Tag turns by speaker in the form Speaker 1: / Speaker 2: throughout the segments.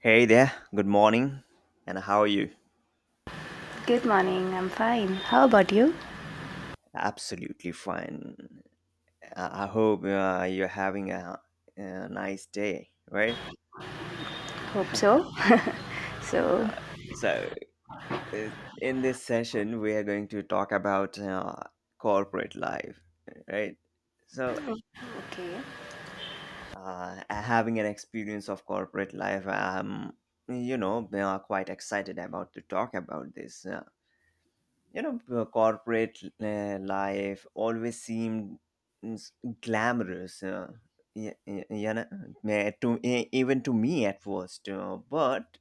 Speaker 1: Hey there, good morning, and how are you?
Speaker 2: Good morning, I'm fine. How about you?
Speaker 1: Absolutely fine. I hope you're having a nice day, right?
Speaker 2: Hope so.
Speaker 1: Uh,
Speaker 2: So.
Speaker 1: so, uh, in this session, we are going to talk about corporate life, right? So,
Speaker 2: Okay.
Speaker 1: Having an experience of corporate life, quite excited about to talk about this. Corporate life always seemed glamorous, to even to me at first, but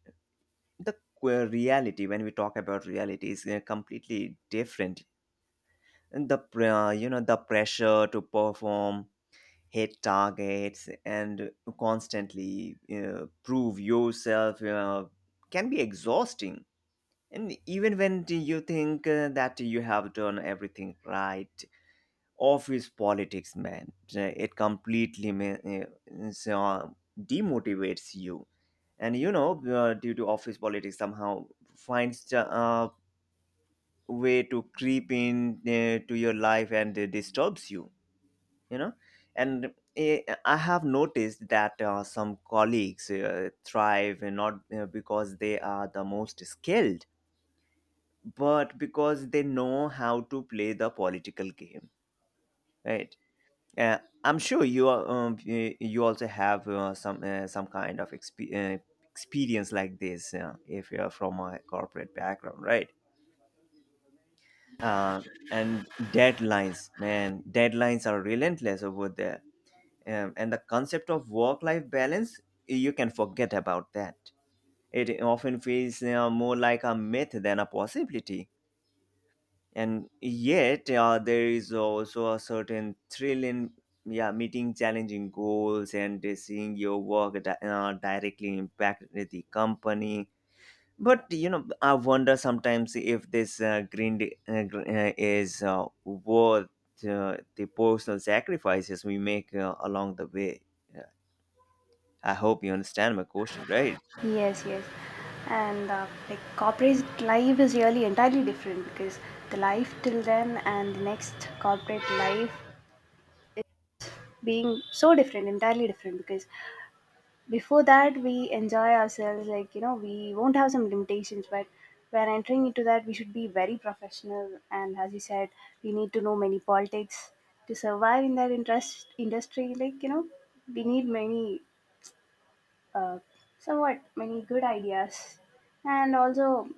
Speaker 1: the reality, when we talk about reality, is completely different. And the pr- you know the pressure to perform, hit targets, and constantly prove yourself can be exhausting. And even when do you think that you have done everything right, office politics, man, it completely ma- is, demotivates you. And due to office politics, somehow finds a way to creep in to your life and disturbs you. You know, and I have noticed that some colleagues thrive, and not because they are the most skilled, but because they know how to play the political game, right. uh, I'm sure you also have some kind of experience like this, if you're from a corporate background, right. uh, and deadlines, man, deadlines are relentless over there. And the concept of work life balance, you can forget about that. It often feels more like a myth than a possibility. And yet there is also a certain thrill in, yeah, meeting challenging goals and seeing your work directly impact the company. But you know, I wonder sometimes if this is worth the personal sacrifices we make along the way. Yeah. I hope you understand my question, right?
Speaker 2: Yes, yes. And like corporate life is really entirely different, because the life till then and the next corporate life being so different, entirely different. Because before that we enjoy ourselves, like we won't have some limitations. But when entering into that we should be very professional, and as you said, we need to know many politics to survive in that interest industry, like we need many uh, somewhat many good ideas. And also,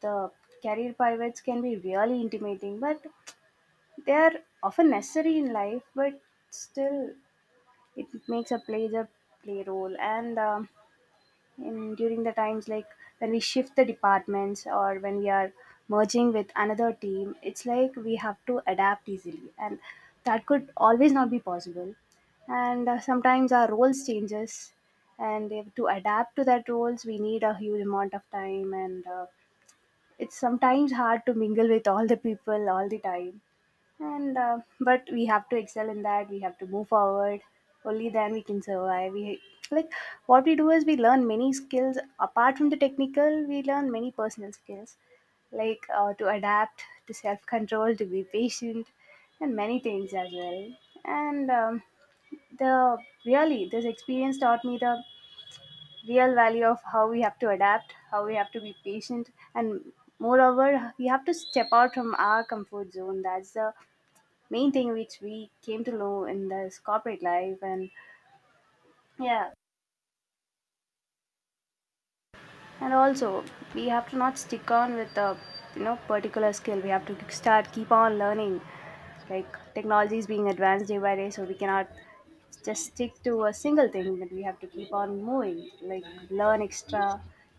Speaker 2: the career pivots can be really intimidating, but they are often necessary in life. But still, it makes a play role. And in during the times, like when we shift the departments, or when we are merging with another team, it's like we have to adapt easily, and that could always not be possible. And sometimes our roles changes, and if, to adapt to that roles, we need a huge amount of time. And it's sometimes hard to mingle with all the people all the time. And but we have to excel in that. We have to move forward. Only then we can survive. We, like, what we do is we learn many skills apart from the technical. We learn many personal skills, like to adapt, to self control, to be patient, and many things as well. And the really this experience taught me the real value of how we have to adapt, how we have to be patient, and moreover, we have to step out from our comfort zone. That's the main thing which we came to know in this corporate life. And yeah, and also, we have to not stick on with a particular skill. We have to start keep on learning, like technology is being advanced day by day, so we cannot just stick to a single thing. But we have to keep on moving, like learn extra.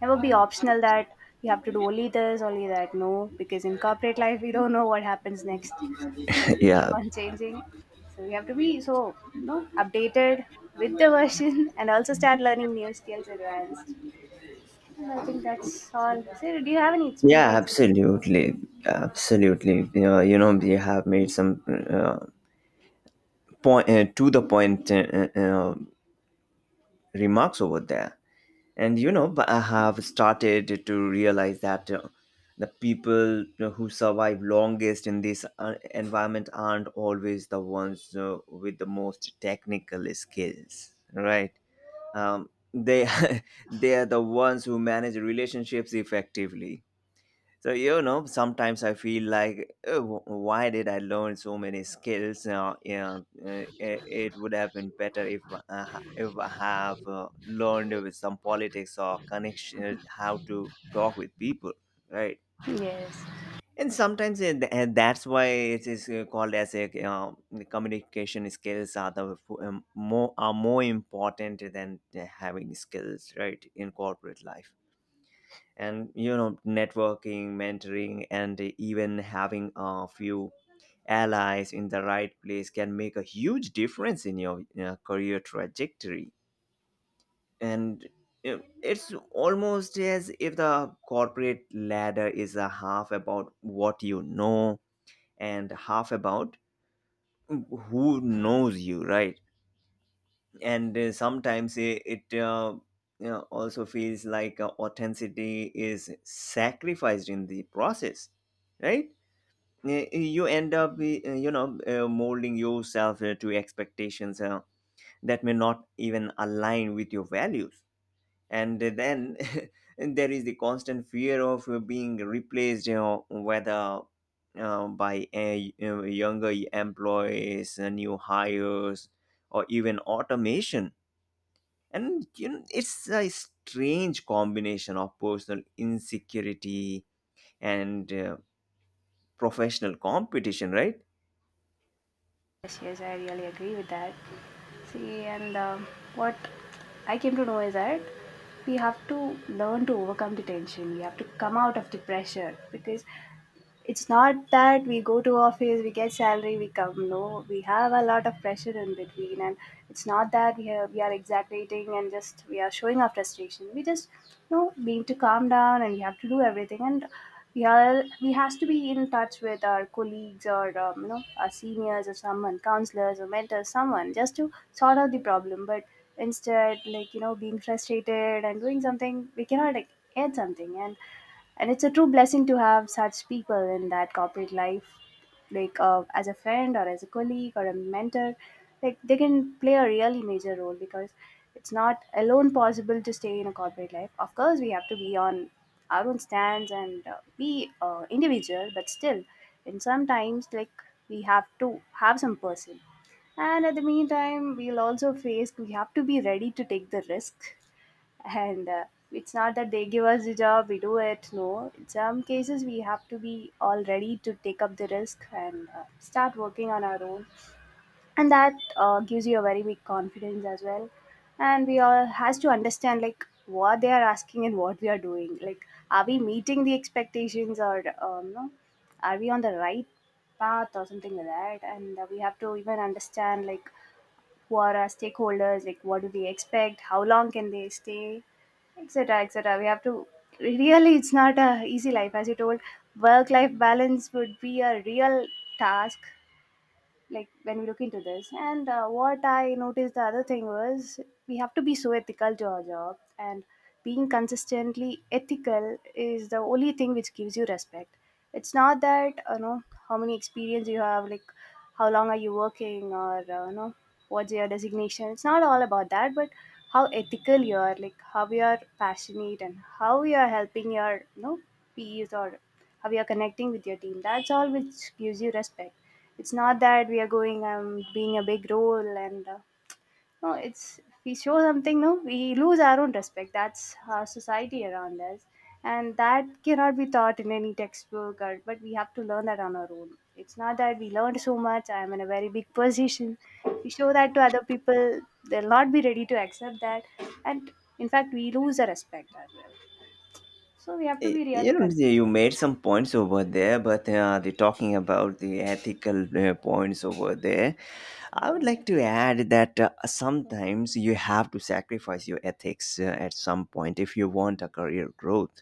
Speaker 2: Never be optional, that you have to do only this, only that. No, because in corporate life we don't know what happens next, like we keep
Speaker 1: Yeah.
Speaker 2: on changing. So we have to be so updated with the version and also start learning new skills advanced. And I think that's all. Sir, do you have any
Speaker 1: Yeah,
Speaker 2: experience in—
Speaker 1: absolutely. Absolutely. You know, we have made some uh, point to the point remarks over there. And you know, but I have started to realize that the people who survive longest in this environment aren't always the ones with the most technical skills, right? They they are the ones who manage relationships effectively. So you know, sometimes I feel like, "Oh, why did I learn so many skills? Yeah, it would have been better if I, I have learned with some politics or connection, how to talk with people, right?"
Speaker 2: Yes,
Speaker 1: And sometimes it, and that's why it is called as a, communication skills are the f- more are more important than having skills, right, in corporate life. And you know, networking, mentoring, and even having a few allies in the right place can make a huge difference in your career trajectory. And you know, it's almost as if the corporate ladder is a half about what you know, and half about who knows you, right. And sometimes it, it you know, also feels like authenticity is sacrificed in the process, right. You end up molding yourself to expectations that may not even align with your values. And then there is the constant fear of being replaced, you know, whether by younger employees, new hires, or even automation. And you know, it's a strange combination of personal insecurity and professional competition, right.
Speaker 2: yes, yes, I really agree with that. See, and what I came to know is that we have to learn to overcome the tension. We have to come out of the pressure, because it's not that we go to office, we get salary, we come. No, we have a lot of pressure in between. And it's not that we are exaggerating and just we are showing our frustration. We just we need to calm down, and we have to do everything. And we are, we has to be in touch with our colleagues, or our seniors, or someone, counselors or mentors, someone, just to sort out the problem. But instead, like being frustrated and doing something, we cannot, like, add something, and it's a true blessing to have such people in that corporate life, like as a friend, or as a colleague, or a mentor. Like they can play a really major role, because it's not alone possible to stay in a corporate life. Of course we have to be on our own stands, and be individual. But still, and sometimes, like, we have to have some person. And at the meantime, we'll also face, we have to be ready to take the risk. And it's not that they give us the job, we do it. No, in some cases we have to be all ready to take up the risk, and start working on our own. And that gives you a very big confidence as well. And we all has to understand like what they are asking and what we are doing, like are we meeting the expectations, or no. Are we on the right path, or something like that. And we have to even understand, like, who are our stakeholders, like what do they expect, how long can they stay, etc. etc. We have to, really, it's not a easy life, as you told. Work life balance would be a real task, like when we look into this. And what I noticed, the other thing was, we have to be so ethical to our job. And being consistently ethical is the only thing which gives you respect. It's not that how many experience you have, like how long are you working, or what's your designation. It's not all about that. But how ethical you are, like how you are passionate and how you are helping your peers, or how you're connecting with your team. That's all which gives you respect. It's not that we are going being a big role and no. It's, if we show something, no, we lose our own respect. That's our society around us, and that cannot be taught in any textbook. Or, but we have to learn that on our own. It's not that we learned so much. I am in a very big position. We show that to other people, they'll not be ready to accept that, and in fact, we lose the respect as well. So we have to be
Speaker 1: You
Speaker 2: really
Speaker 1: know, you
Speaker 2: consistent.
Speaker 1: made some points over there, but the, talking about the ethical points over there, I would like to add that sometimes you have to sacrifice your ethics at some point if you want a career growth.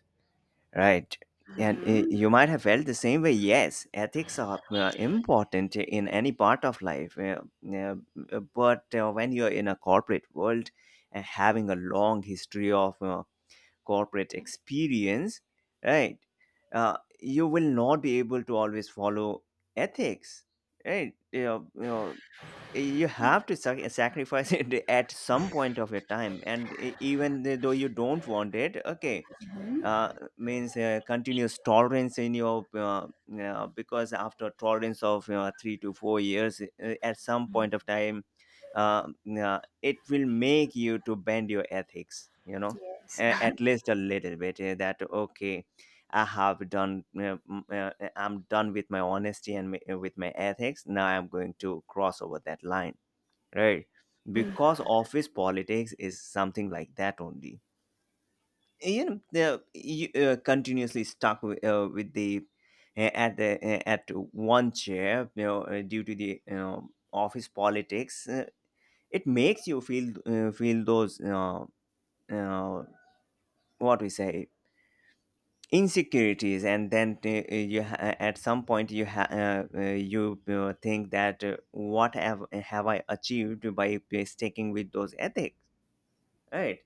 Speaker 1: Right. And you might have felt the same way. Yes, ethics are important in any part of life. Yeah, but when you're in a corporate world and having a long history of corporate experience, right, you will not be able to always follow ethics. Right. You know, you know, you have to sacrifice it at some point of your time. And even though you don't want it, okay, uh, means continuous tolerance in your, because after tolerance of 3 to 4 years at some point of time, uh, it will make you to bend your ethics, you know,
Speaker 2: Yes.
Speaker 1: at least a little bit, that okay, I have done m- uh, I'm done with my honesty and with my ethics. Now I'm going to cross over that line, right. Because office politics is something like that only. You know, they're you, continuously stuck with the at the at one chair, you know, due to the, you know, office politics. It makes you feel, those, you know, uh, what we say, insecurities. And then at some point you ha- you think that what have I achieved by sticking with those ethics, right.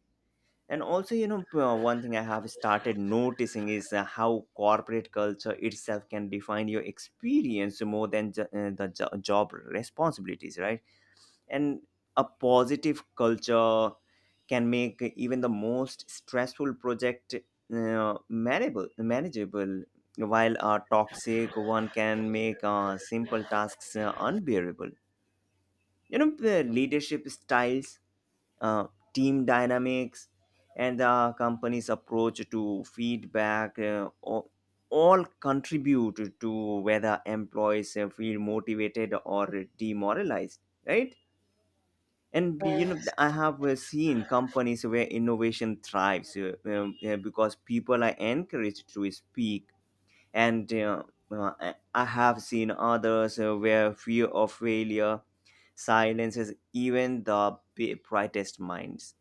Speaker 1: And also you know, one thing I have started noticing is how corporate culture itself can define your experience more than the job responsibilities, right. And a positive culture can make even the most stressful project manageable, manageable while a toxic one can make simple tasks unbearable. You know, the leadership styles, uh, team dynamics, and the company's approach to feedback all contribute to whether employees feel motivated or demoralized, right. And you know,
Speaker 2: Yes.
Speaker 1: I have seen companies where innovation thrives because people are encouraged to speak. And uh, i I have seen others where fear of failure silences even the brightest minds.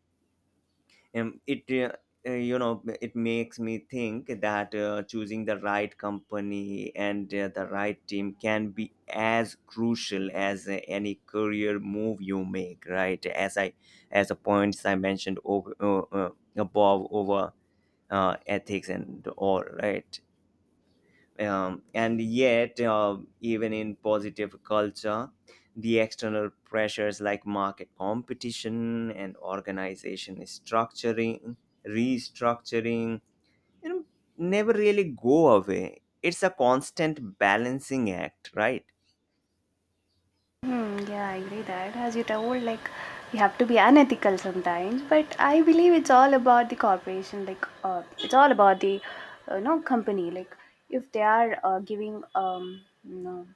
Speaker 1: It You know, it makes me think that choosing the right company and the right team can be as crucial as any career move you make, right. As the points I mentioned over, above, over ethics and all, right. And yet even in positive culture, the external pressures like market competition and organization structuring restructuring, you know, never really go away. It's a constant balancing act, right.
Speaker 2: Hmm, yeah, I agree that. As you told, like you have to be unethical sometimes, but I believe it's all about the corporation. Like, it's all about the, company. Like, if they are giving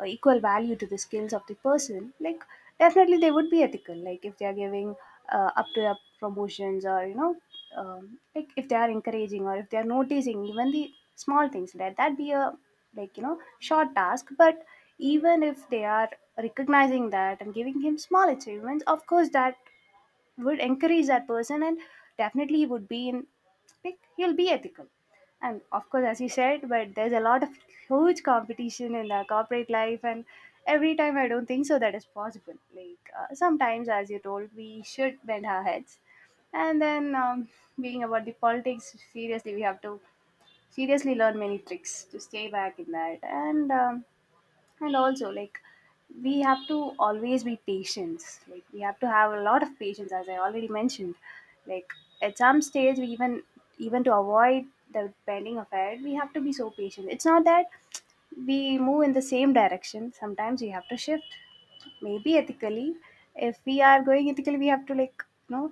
Speaker 2: equal value to the skills of the person, like definitely they would be ethical. Like, if they are giving up to up promotions, or like if they are encouraging, or if they are noticing even the small things. Let that be a, like short task. But even if they are recognizing that and giving him small achievements, of course that would encourage that person. And definitely he would be in, like, he'll be ethical. And of course, as you said, but there's a lot of huge competition in the corporate life. And every time, I don't think so that is possible, like sometimes, as you told, we should bend our heads. And then being about the politics, seriously we have to seriously learn many tricks to stay back in that. And and also, like, we have to always be patient. Like we have to have a lot of patience, as I already mentioned. Like at some stage we even to avoid the bending of head, we have to be so patient. It's not that we move in the same direction, sometimes we have to shift. Maybe ethically, if we are going ethically, we have to, like, you know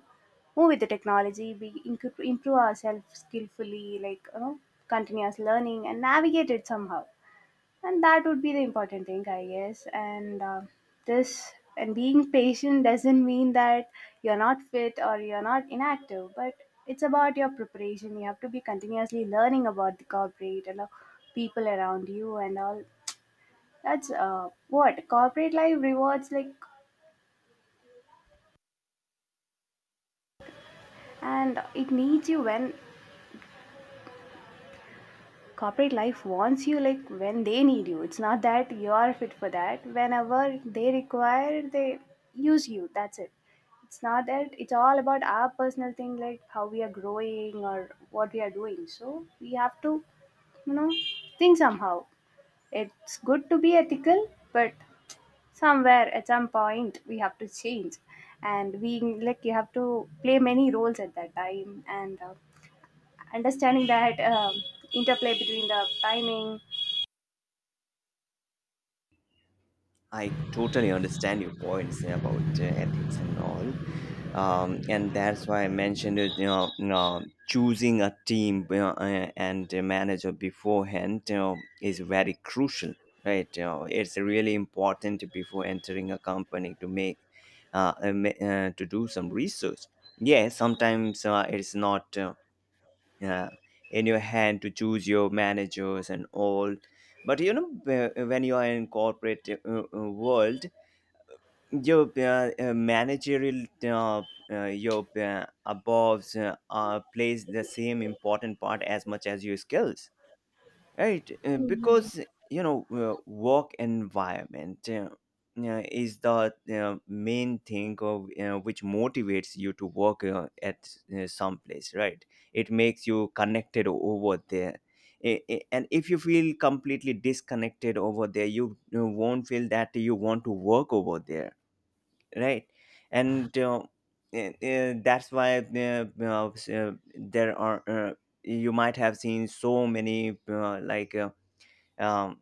Speaker 2: move with the technology. We improve ourselves skillfully, like continuous learning, and navigate it somehow. And that would be the important thing, I guess. And this, and being patient doesn't mean that you're not fit or you're not inactive, but it's about your preparation. You have to be continuously learning about the corporate and the people around you and all. That's what corporate life rewards, like. And it needs you when corporate life wants you, like when they need you. It's not that you are fit for that whenever they require, they use you, that's it. It's not that it's all about our personal thing, like how we are growing or what we are doing. So we have to you know think somehow. It's good to be ethical, but somewhere at some point we have to change. And we, like, you have to play many roles at that time. And understanding that interplay between the timing.
Speaker 1: I totally understand your points about ethics and all. And that's why I mentioned it, you know, choosing a team, you know, and a manager beforehand, you know, is very crucial, right? You know, it's really important before entering a company to make to do some research. Yeah, sometimes it's not uh, in your hand to choose your managers and all. But you know, when you are in corporate world, your managerial, your aboves plays the same important part as much as your skills, right. Because you know, work environment is the main thing of, which motivates you to work at some place, right. It makes you connected over there. And if you feel completely disconnected over there, you won't feel that you want to work over there, right. And that's why there are, you might have seen so many um,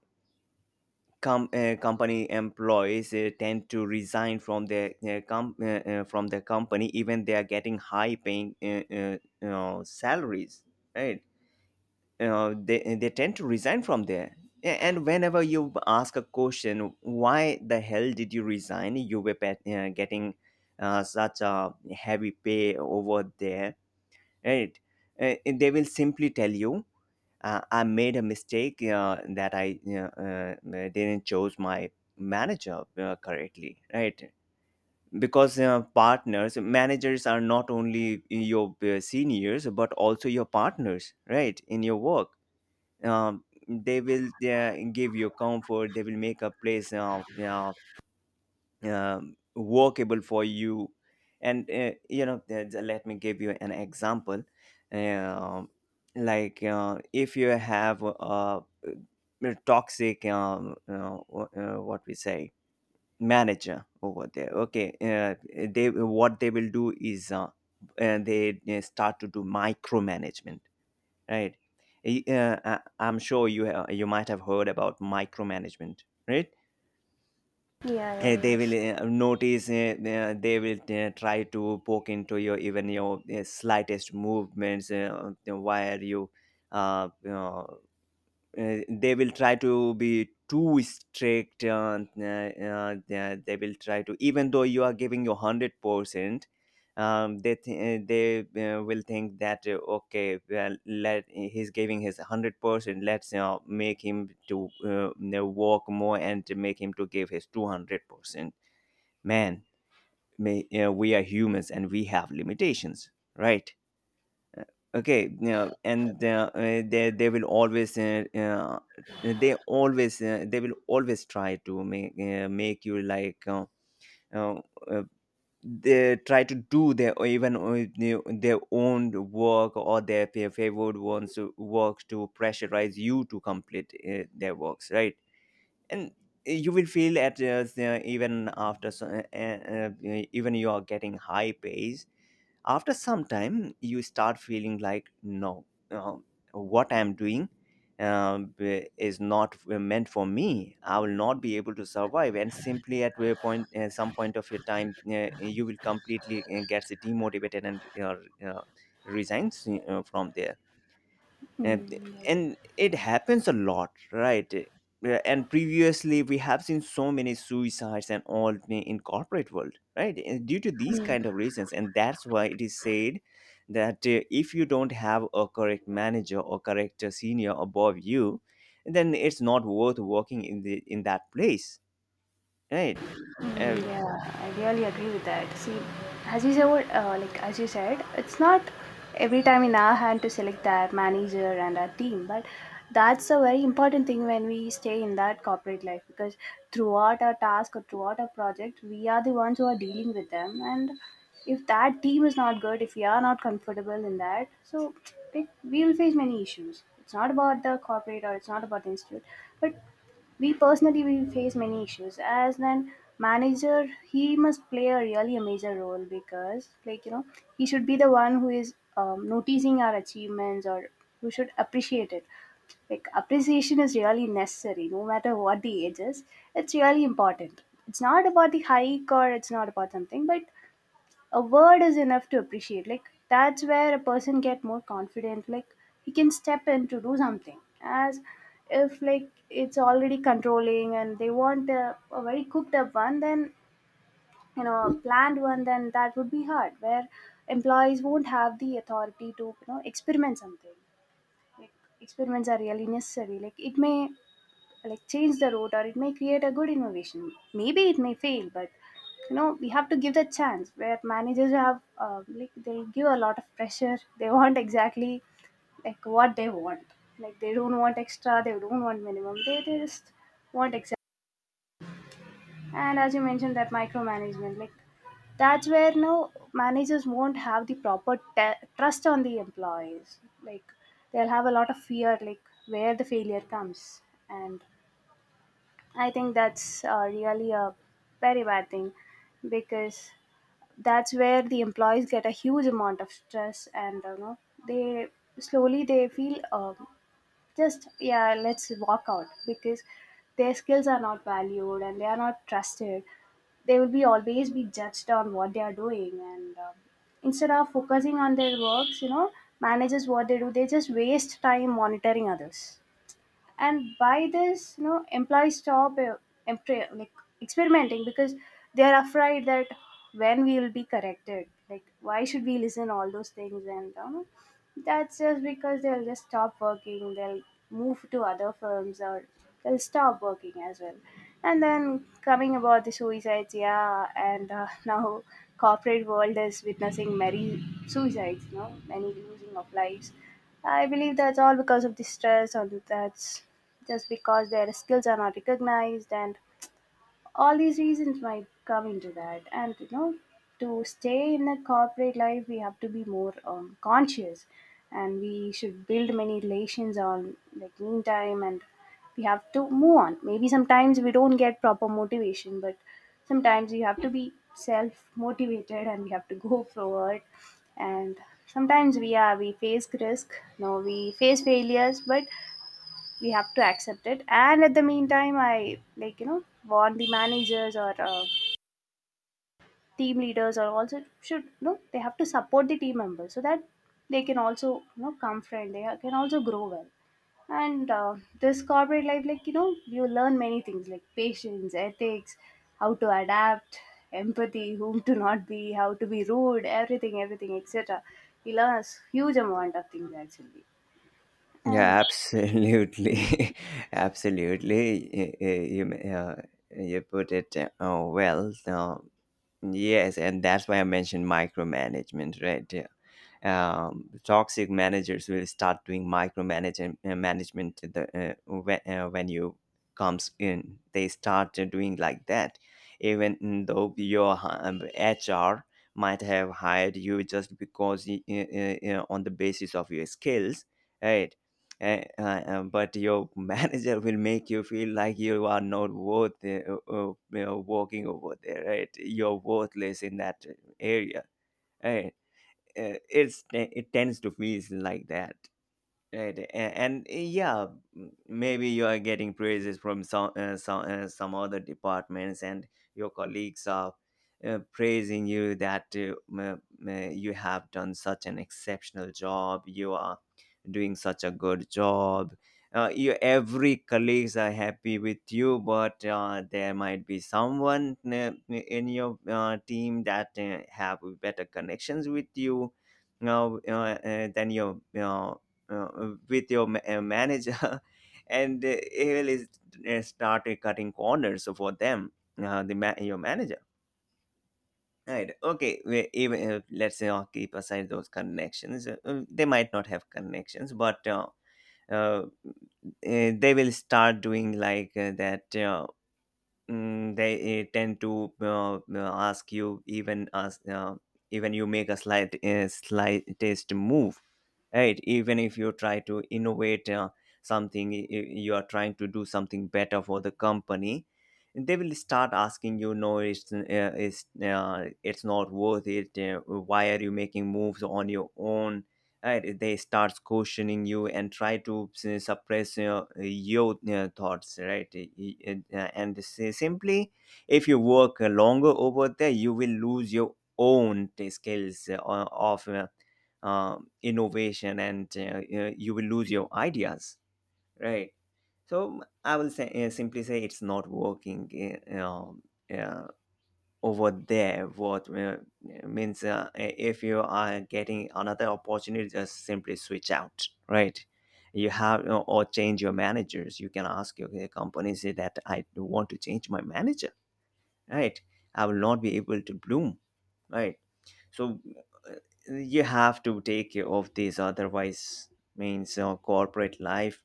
Speaker 1: company employees tend to resign from their, from the company, even they are getting high paying, you know, salaries, right. You know, they tend to resign from there. And whenever you ask a question, why the hell did you resign, you were pet, getting such a heavy pay over there, right. They will simply tell you, I made a mistake that I, you know, didn't choose my manager correctly, right? Because partners, managers are not only your seniors but also your partners, right? In your work, they will give you comfort. They will make a place. Workable for you. And let me give you an example. um, like if you have a toxic what we say manager over there, they, what they will do is, they start to do micromanagement, right? Y- uh, I- I'm sure you you might have heard about micromanagement, right?
Speaker 2: Yeah, yeah,
Speaker 1: They will
Speaker 2: yes.
Speaker 1: try to poke into your even your slightest movements, where you you know, they will try to be too strict. They will try, to even though you are giving your 100%, they will think that, okay, well let he's giving his 100%, let's make him to walk more and to make him to give his 200%, man. You know, we are humans and we have limitations, right? Uh, okay you know, and they will always they always They will always try to make you like, uh, uh, they try to do their, or even their own work or their favored ones' work to pressurize you to complete their works, right? And you will feel, even after so, even you are getting high pays, after some time you start feeling like, no, uh, what I'm doing is not meant for me, I will not be able to survive. And simply at a point, some point of your time, you will completely get demotivated and uh, resigns from there. And
Speaker 2: Mm, yes.
Speaker 1: it happens a lot, right? Yeah, and previously we have seen so many suicides and all in corporate world, right? And due to these
Speaker 2: Mm.
Speaker 1: kind of reasons. And that's why it is said that, if you don't have a correct manager or correct senior above you, then it's not worth working in the in that place, right?
Speaker 2: Mm,
Speaker 1: Uh,
Speaker 2: yeah, I really agree with that. See, as you said, like, as you said, it's not every time in our hand to select our manager and our team, but that's a very important thing when we stay in that corporate life, because throughout our task or throughout our project, we are the ones who are dealing with them. And if that team is not good, if we are not comfortable in that, so it, we will face many issues. It's not about the corporate or it's not about the institute, but we personally will face many issues. As an manager, he must play a really a major role, because, like he should be the one who is noticing our achievements, or who should appreciate it. Like appreciation is really necessary, no matter what the age is. It's really important. It's not about the hike or it's not about something, but a word is enough to appreciate, like that's where a person get more confident, like he can step in to do something. As if like it's already controlling and they want a very cooked up one, then you know a planned one, then that would be hard where employees won't have the authority to experiment something, like experiments are really necessary. Like it may like change the route or it may create a good innovation, maybe it may fail, but you know we have to give the chance where managers have like they give a lot of pressure. They want exactly like what they want. Like they don't want extra, they don't want minimum, they just want exact. And as you mentioned that micromanagement, like that's where now managers won't have the proper trust on the employees, like they'll have a lot of fear, like where the failure comes. And I think that's really a very bad thing, because that's where the employees get a huge amount of stress. And you know they, slowly they feel, just yeah, let's walk out, because their skills are not valued and they are not trusted. They will be always be judged on what they are doing. And instead of focusing on their works, you know managers, what they do, they just waste time monitoring others. And by this, you know, employees stop, like experimenting, because they are afraid that when we will be corrected, like why should we listen all those things. And that's just because they'll just stop working, they'll move to other firms, or they'll stop working as well. And then coming about the suicides, yeah, and now corporate world is witnessing many suicides, you know, many losing of lives. I believe that's all because of the stress, or that's just because their skills are not recognized, and all these reasons might come into that. And you know, to stay in a corporate life we have to be more conscious, and we should build many relations on like meantime, and we have to move on. Maybe sometimes we don't get proper motivation, but sometimes you have to be self motivated and we have to go forward. And sometimes we face risk, no, we face failures, but we have to accept it. And at the meantime, I like warn the managers or team leaders or also should, you know, they have to support the team members so that they can also, you know, come friend. They can also grow well. And this corporate life, like you know, you learn many things, like patience, ethics, how to adapt, empathy, whom to not be, how to be rude, everything, everything, etc. You learn a huge amount of things actually, and
Speaker 1: yeah, absolutely. Absolutely. you, you, uh, you put it well. Yes, and that's why I mentioned micromanagement, right? Toxic managers will start doing micromanagement, when you comes in, they start doing like that, even though your HR might have hired you just because on the basis of your skills, right? But your manager will make you feel like you are not worth working over there, right? You're worthless in that area, right? It's, it tends to feel like that. Right. And yeah, maybe you are getting praises from some other departments, and your colleagues are praising you that, you have done such an exceptional job. You are doing such a good job. You, every colleagues are happy with you. But there might be someone in your team that have better connections with you now, than your with your ma- manager. And start cutting corners for them, your manager, right? Okay, even if, let's say, keep aside those connections, they might not have connections. But uh, uh, they will start doing like that. They tend to ask you, even as even you make a slightest move, right? Even if you try to innovate something, you are trying to do something better for the company, they will start asking you, no, it's not worth it, why are you making moves on your own, right? They start questioning you and try to suppress your thoughts, right? Simply if you work longer over there, you will lose your own skills of innovation and you will lose your ideas, right? So I will say simply say, it's not working uh, over there. What Means, if you are getting another opportunity, just simply switch out, right? You have or change your managers. You can ask your company, say that, I want to change my manager, right? I will not be able to bloom, right? So uh, you have to take care of this, otherwise, means, corporate life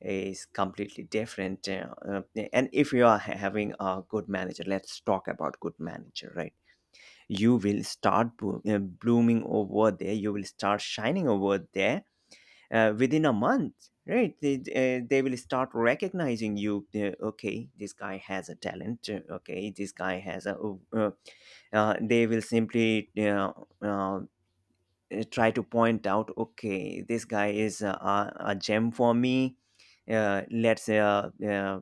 Speaker 1: is completely different. And if you are having a good manager, let's talk about good manager, right? You will start blooming over there, you will start shining over there within a month, right? They will start recognizing you, okay, this guy has a talent, okay, this guy has a, uh, they will simply uh, try to point out, okay, this guy is a gem for me, let's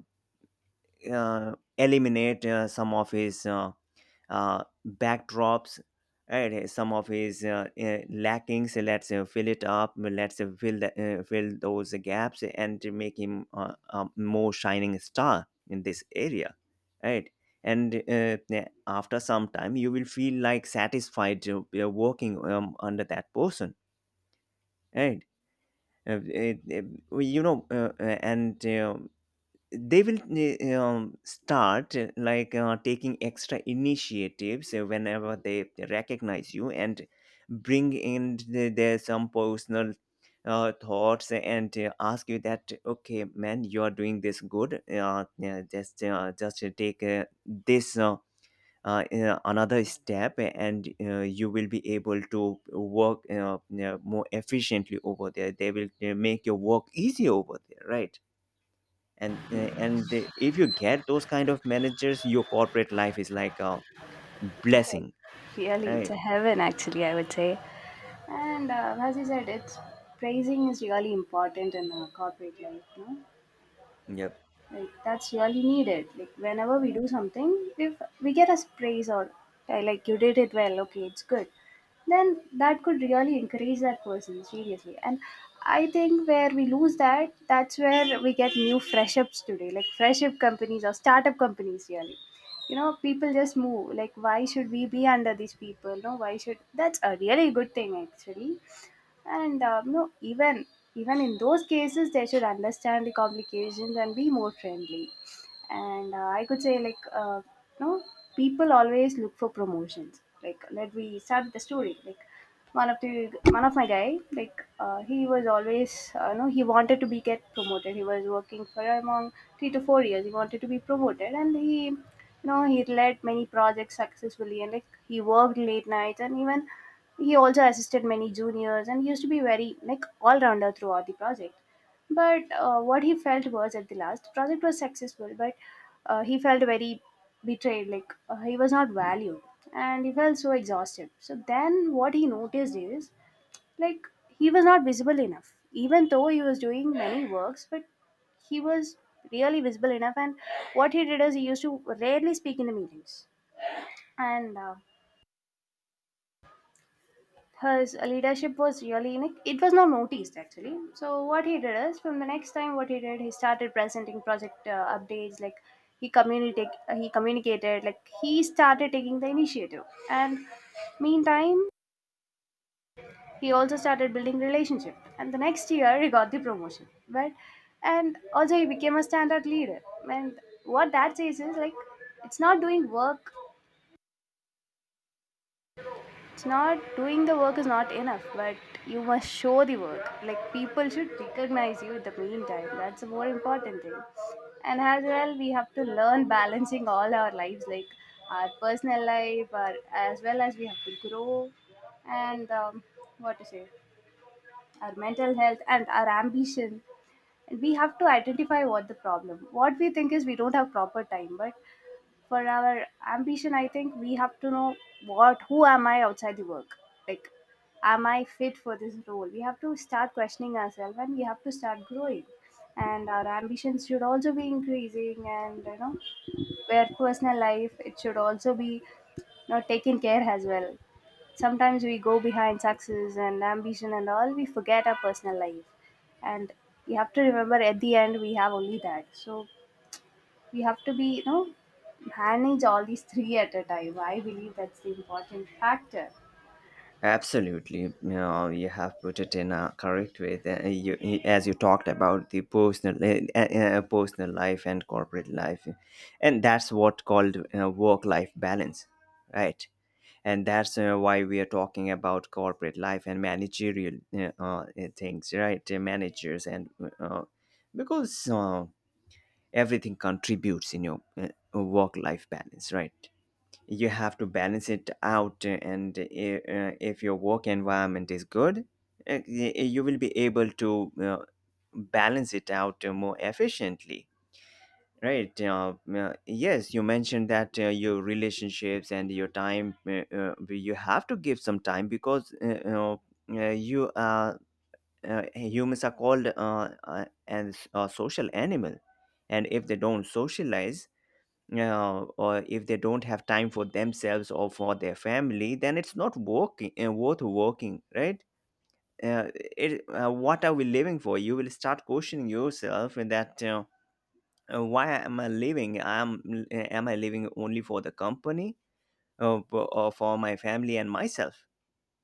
Speaker 1: eliminate some of his backdrops, right, some of his lackings, let's fill it up, let's fill those gaps and to make him a more shining star in this area, right? And yeah, after some time you will feel like satisfied working under that person, right? uh, it, it- you know, and they will start taking extra initiatives whenever they recognize you, and bring in their some personal thoughts and ask you that, okay man, you are doing this good, yeah, just take this another step, and you will be able to work more efficiently over there. They will make your work easier over there, right? And if you get those kind of managers, your corporate life is like a blessing,
Speaker 2: really, it's a
Speaker 1: right?
Speaker 2: heaven actually, I would say. And as you said, it's praising is really important in corporate life. No,
Speaker 1: Yep.
Speaker 2: like that's really needed. Like whenever we do something, if we get a praise, or like you did it well, okay, it's good. Then that could really encourage that person seriously. And I think where we lose that, that's where we get new fresh ups today, like fresh up companies or startup companies. Really, you know, people just move, like why should we be under these people, no, why should, that's a really good thing actually. And you know, even, even in those cases they should understand the complications and be more friendly. And I could say like, you know people always look for promotions. Like let we start with the story, like one of the one of my guy, like he was always, he wanted to be get promoted. He was working for among 3 to 4 years. He wanted to be promoted, and he, you know, he led many projects successfully, and like he worked late nights, and even he also assisted many juniors, and he used to be very like all rounder throughout the project. But what he felt was at the last, the project was successful, but he felt very betrayed, like he was not valued, and he felt so exhausted. So then what he noticed is, like he was not visible enough, even though he was doing many works, but he was really visible enough. And what he did is, he used to rarely speak in the meetings. And his leadership was really unique. It was not noticed actually. So what he did is, from the next time, what he did, he started presenting project updates. Like he communicated, he communicated. Like he started taking the initiative, and meantime, he also started building relationship. And the next year, he got the promotion. But and also he became a standard leader. And what that says is like, it's not doing work It's not doing the work is not enough, but you must show the work. Like people should recognize you in the meantime. That's the more important thing. And as well, we have to learn balancing all our lives, like our personal life, our, as well as we have to grow, and what to say, our mental health and our ambition. And we have to identify what the problem. What we think is we don't have proper time, but for our ambition, I think we have to know what, who am I outside the work, like am I fit for this role. We have to start questioning ourselves and we have to start growing, and our ambitions should also be increasing. And you know, where personal life, it should also be, you know, taken care as well. Sometimes we go behind success and ambition and all, we forget our personal life. And we have to remember at the end we have only that, so we have to be, you know, manage all these three at a time. I believe that's the important factor.
Speaker 1: Absolutely, no, you have put it in a correct way that as you talked about the personal, personal life and corporate life, and that's what called work life balance, right? And that's why we are talking about corporate life and managerial things, right? Managers and because everything contributes in your work life balance, right? You have to balance it out. And If your work environment is good, you will be able to balance it out more efficiently, right? Yes, you mentioned that your relationships and your time, you have to give some time, because you know, you are humans are called as a social animal, and if they don't socialize or if they don't have time for themselves or for their family, then it's not working, worth working, right? Uh, what are we living for? You will start questioning yourself and that, why am I living? Am I living only for the company, or for my family and myself?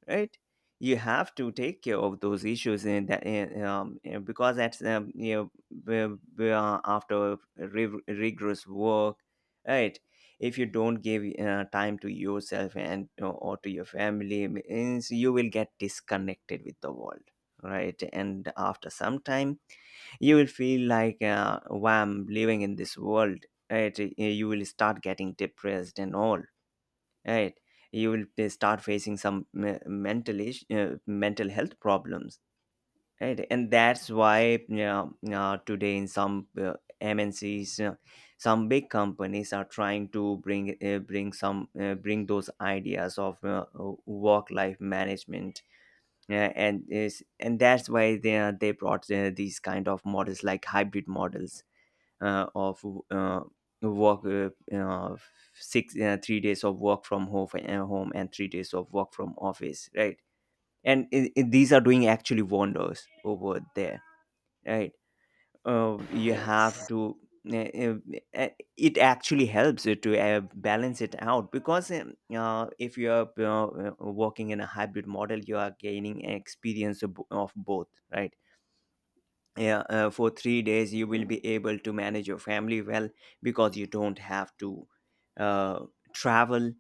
Speaker 1: Right? You have to take care of those issues in that. And and because that's, you know, after rigorous work, right? If you don't give time to yourself and or to your family, means you will get disconnected with the world, right? And after some time, you will feel like, why I'm living in this world, right? You will start getting depressed and all, right? You will start facing some mental health problems, right? And that's why, you know, today in some MNCs, some big companies are trying to bring some bring those ideas of work life management, and that's why they brought these kind of models, like hybrid models uh, of uh, work uh, uh, six 3 days of work from home and 3 days of work from office, right? And these are doing actually wonders over there, right? You
Speaker 2: Yes.
Speaker 1: have to uh, uh, uh, it actually helps it to balance it out, because if you are working in a hybrid model, you are gaining experience of, of both, right? Yeah, for 3 days you will be able to manage your family well, because you don't have to uh, travel.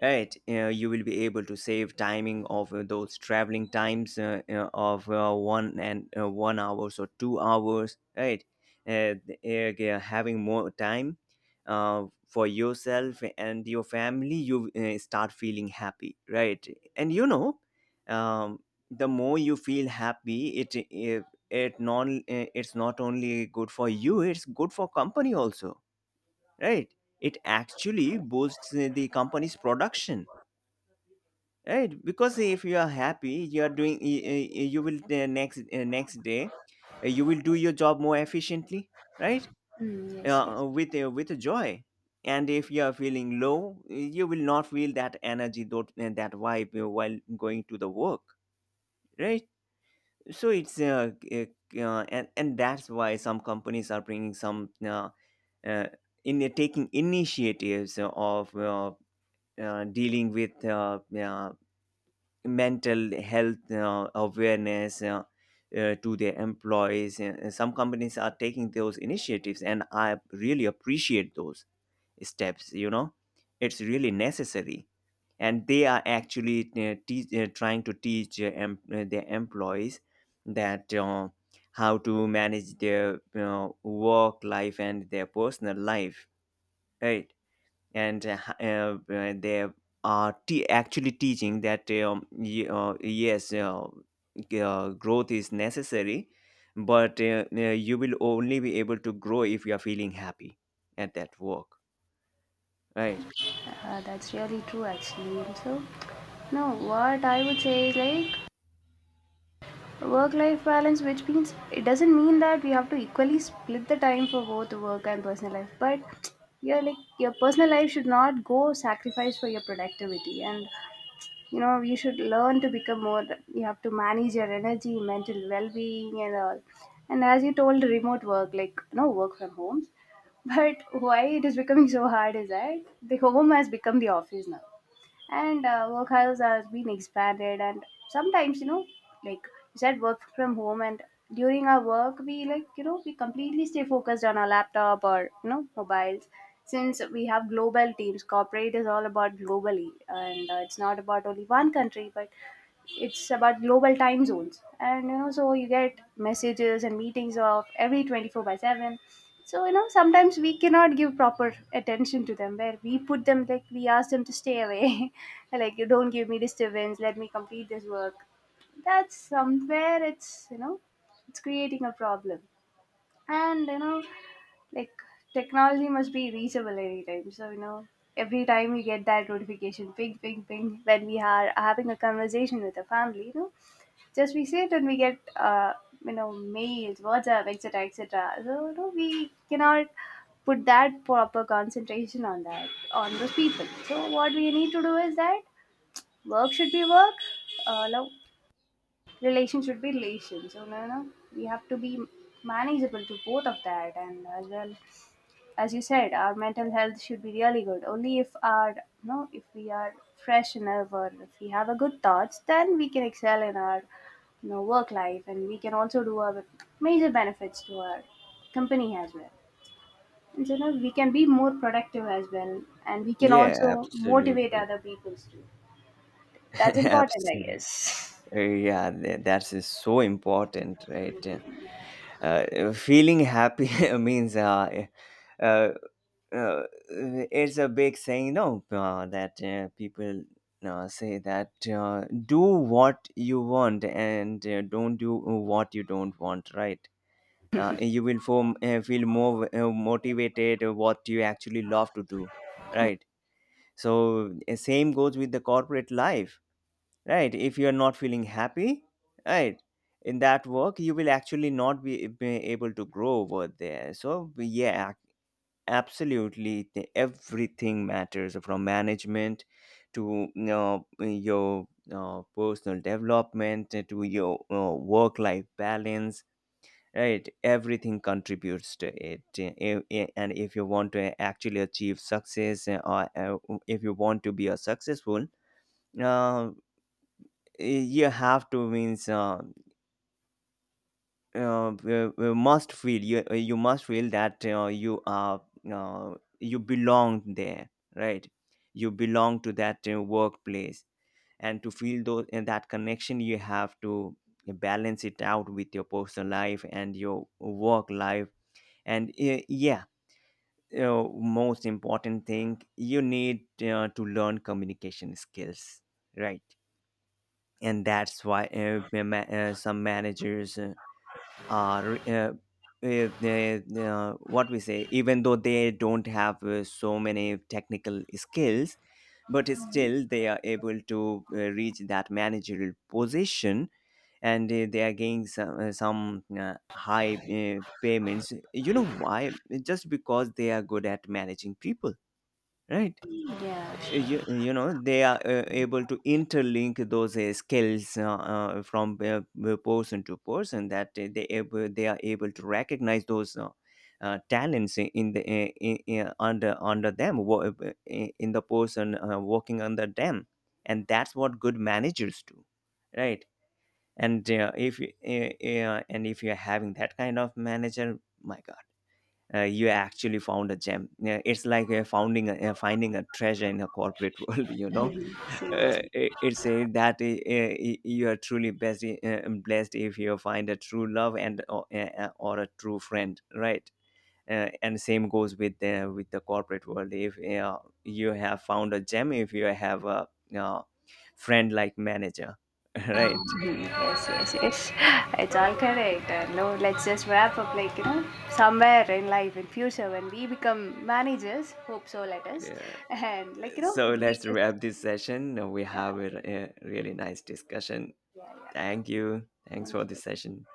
Speaker 1: Right, you will be able to save timing of those traveling times, of one and 1 hours or 2 hours. Right, uh, having more time for yourself and your family, you start feeling happy. Right, and you know, um, the more you feel happy, it non it's not only good for you, it's good for company also. Right, it actually boosts the company's production, right? Because if you are happy, you are doing, you will the next, next day you will do your job more efficiently, right?
Speaker 2: Mm, yes, yes,
Speaker 1: With with joy. And if you are feeling low, you will not feel that energy, that vibe while going to the work, right? So it's and that's why some companies are bringing some, uh, in taking initiatives of dealing with mental health awareness, to their employees. Some companies are taking those initiatives, and I really appreciate those steps. You know, it's really necessary, and they are actually trying to teach their employees that. How to manage their you work life and their personal life. Right? and They are actually teaching that yes, growth is necessary, but you will only be able to grow if you are feeling happy at that work, right?
Speaker 2: that's really true actually. So, no, what I would say is like work-life balance, which means it doesn't mean that we have to equally split the time for both work and personal life, but your, like your personal life should not go sacrificed for your productivity. And you know you should learn to become more, you have to manage your energy, mental well-being and all. And as you told, remote work, like no, work from home, but why it is becoming so hard is that the home has become the office now. And workhouse has been expanded, and sometimes, you know, like you said, work from home, and during our work we like, you know, we completely stay focused on our laptop or, you know, mobiles. Since we have global teams, corporate is all about globally, and it's not about only one country, but it's about global time zones. And you know, so you get messages and meetings of every 24 by 7. So you know, sometimes we cannot give proper attention to them, where we put them, like we ask them to stay away like you don't give me disturbance, let me complete this work. That's somewhere it's, you know, it's creating a problem. And you know, like technology must be reachable anytime. So you know, every time you get that notification, ping, ping, ping, when we are having a conversation with the family, you know, just we sit and we get you know, mails, WhatsApp, etc., etc. So you know, we cannot put that proper concentration on that, on those people. So what we need to do is that work should be work, love relation should be relation. So no, no, we have to be manageable to both of that. And as well, as you said, our mental health should be really good. Only if our, you know, if we are fresh enough, or if we have a good thoughts, then we can excel in our, you know, work life, and we can also do our major benefits to our company as well. And so you, we can be more productive as well, and we can
Speaker 1: Yeah,
Speaker 2: also motivate
Speaker 1: absolutely.
Speaker 2: other people too. That's important, I
Speaker 1: Absolutely.
Speaker 2: guess.
Speaker 1: Yeah, that is so important, right? Feeling happy means uh, uh, it's a big saying, no? That people say that do what you want, and don't do what you don't want, right? You will feel more motivated what you actually love to do, right? So same goes with the corporate life, right? If you are not feeling happy, right, in that work you will actually not be, be able to grow over there. So yeah, absolutely. Everything matters, from management to, you know, your personal development, to your work life balance, right? Everything contributes to it. And if you want to actually achieve success, or if you want to be a successful, uh, you have to, means must feel you you must feel that you are you belong there, right? You belong to that workplace, and to feel those and that connection, you have to balance it out with your personal life and your work life. And yeah, most important thing you need to learn communication skills, right? And that's why some managers are what we say, even though they don't have so many technical skills, but still they are able to reach that managerial position. And they are getting some high payments, you know why? Just because they are good at managing people, right?
Speaker 2: Yeah,
Speaker 1: You,
Speaker 2: sure.
Speaker 1: know they are able to interlink those skills, from person to person, that they are able to recognize those talents in the under them, in the person working under them. And that's what good managers do, right? And if you- and if you're having that kind of manager, my god, you actually found a gem. Yeah, it's like finding a treasure in a corporate world. You know,
Speaker 2: See you.
Speaker 1: it's a, that you are truly blessed, blessed, if you find a true love and or a true friend, right? And same goes with the corporate world. If you have found a gem, if you have a uh, friend like manager, right?
Speaker 2: Yes, yes, yes. It's all correct. No, let's just wrap up. Like you know, somewhere in life, in future, when we become managers, hope so. Let us,
Speaker 1: Yeah.
Speaker 2: and like you know,
Speaker 1: So
Speaker 2: we
Speaker 1: let's
Speaker 2: just
Speaker 1: wrap this session. We
Speaker 2: yeah,
Speaker 1: have a really nice discussion.
Speaker 2: yeah, yeah.
Speaker 1: Thank you. Thanks
Speaker 2: Thank
Speaker 1: for
Speaker 2: you.
Speaker 1: this session.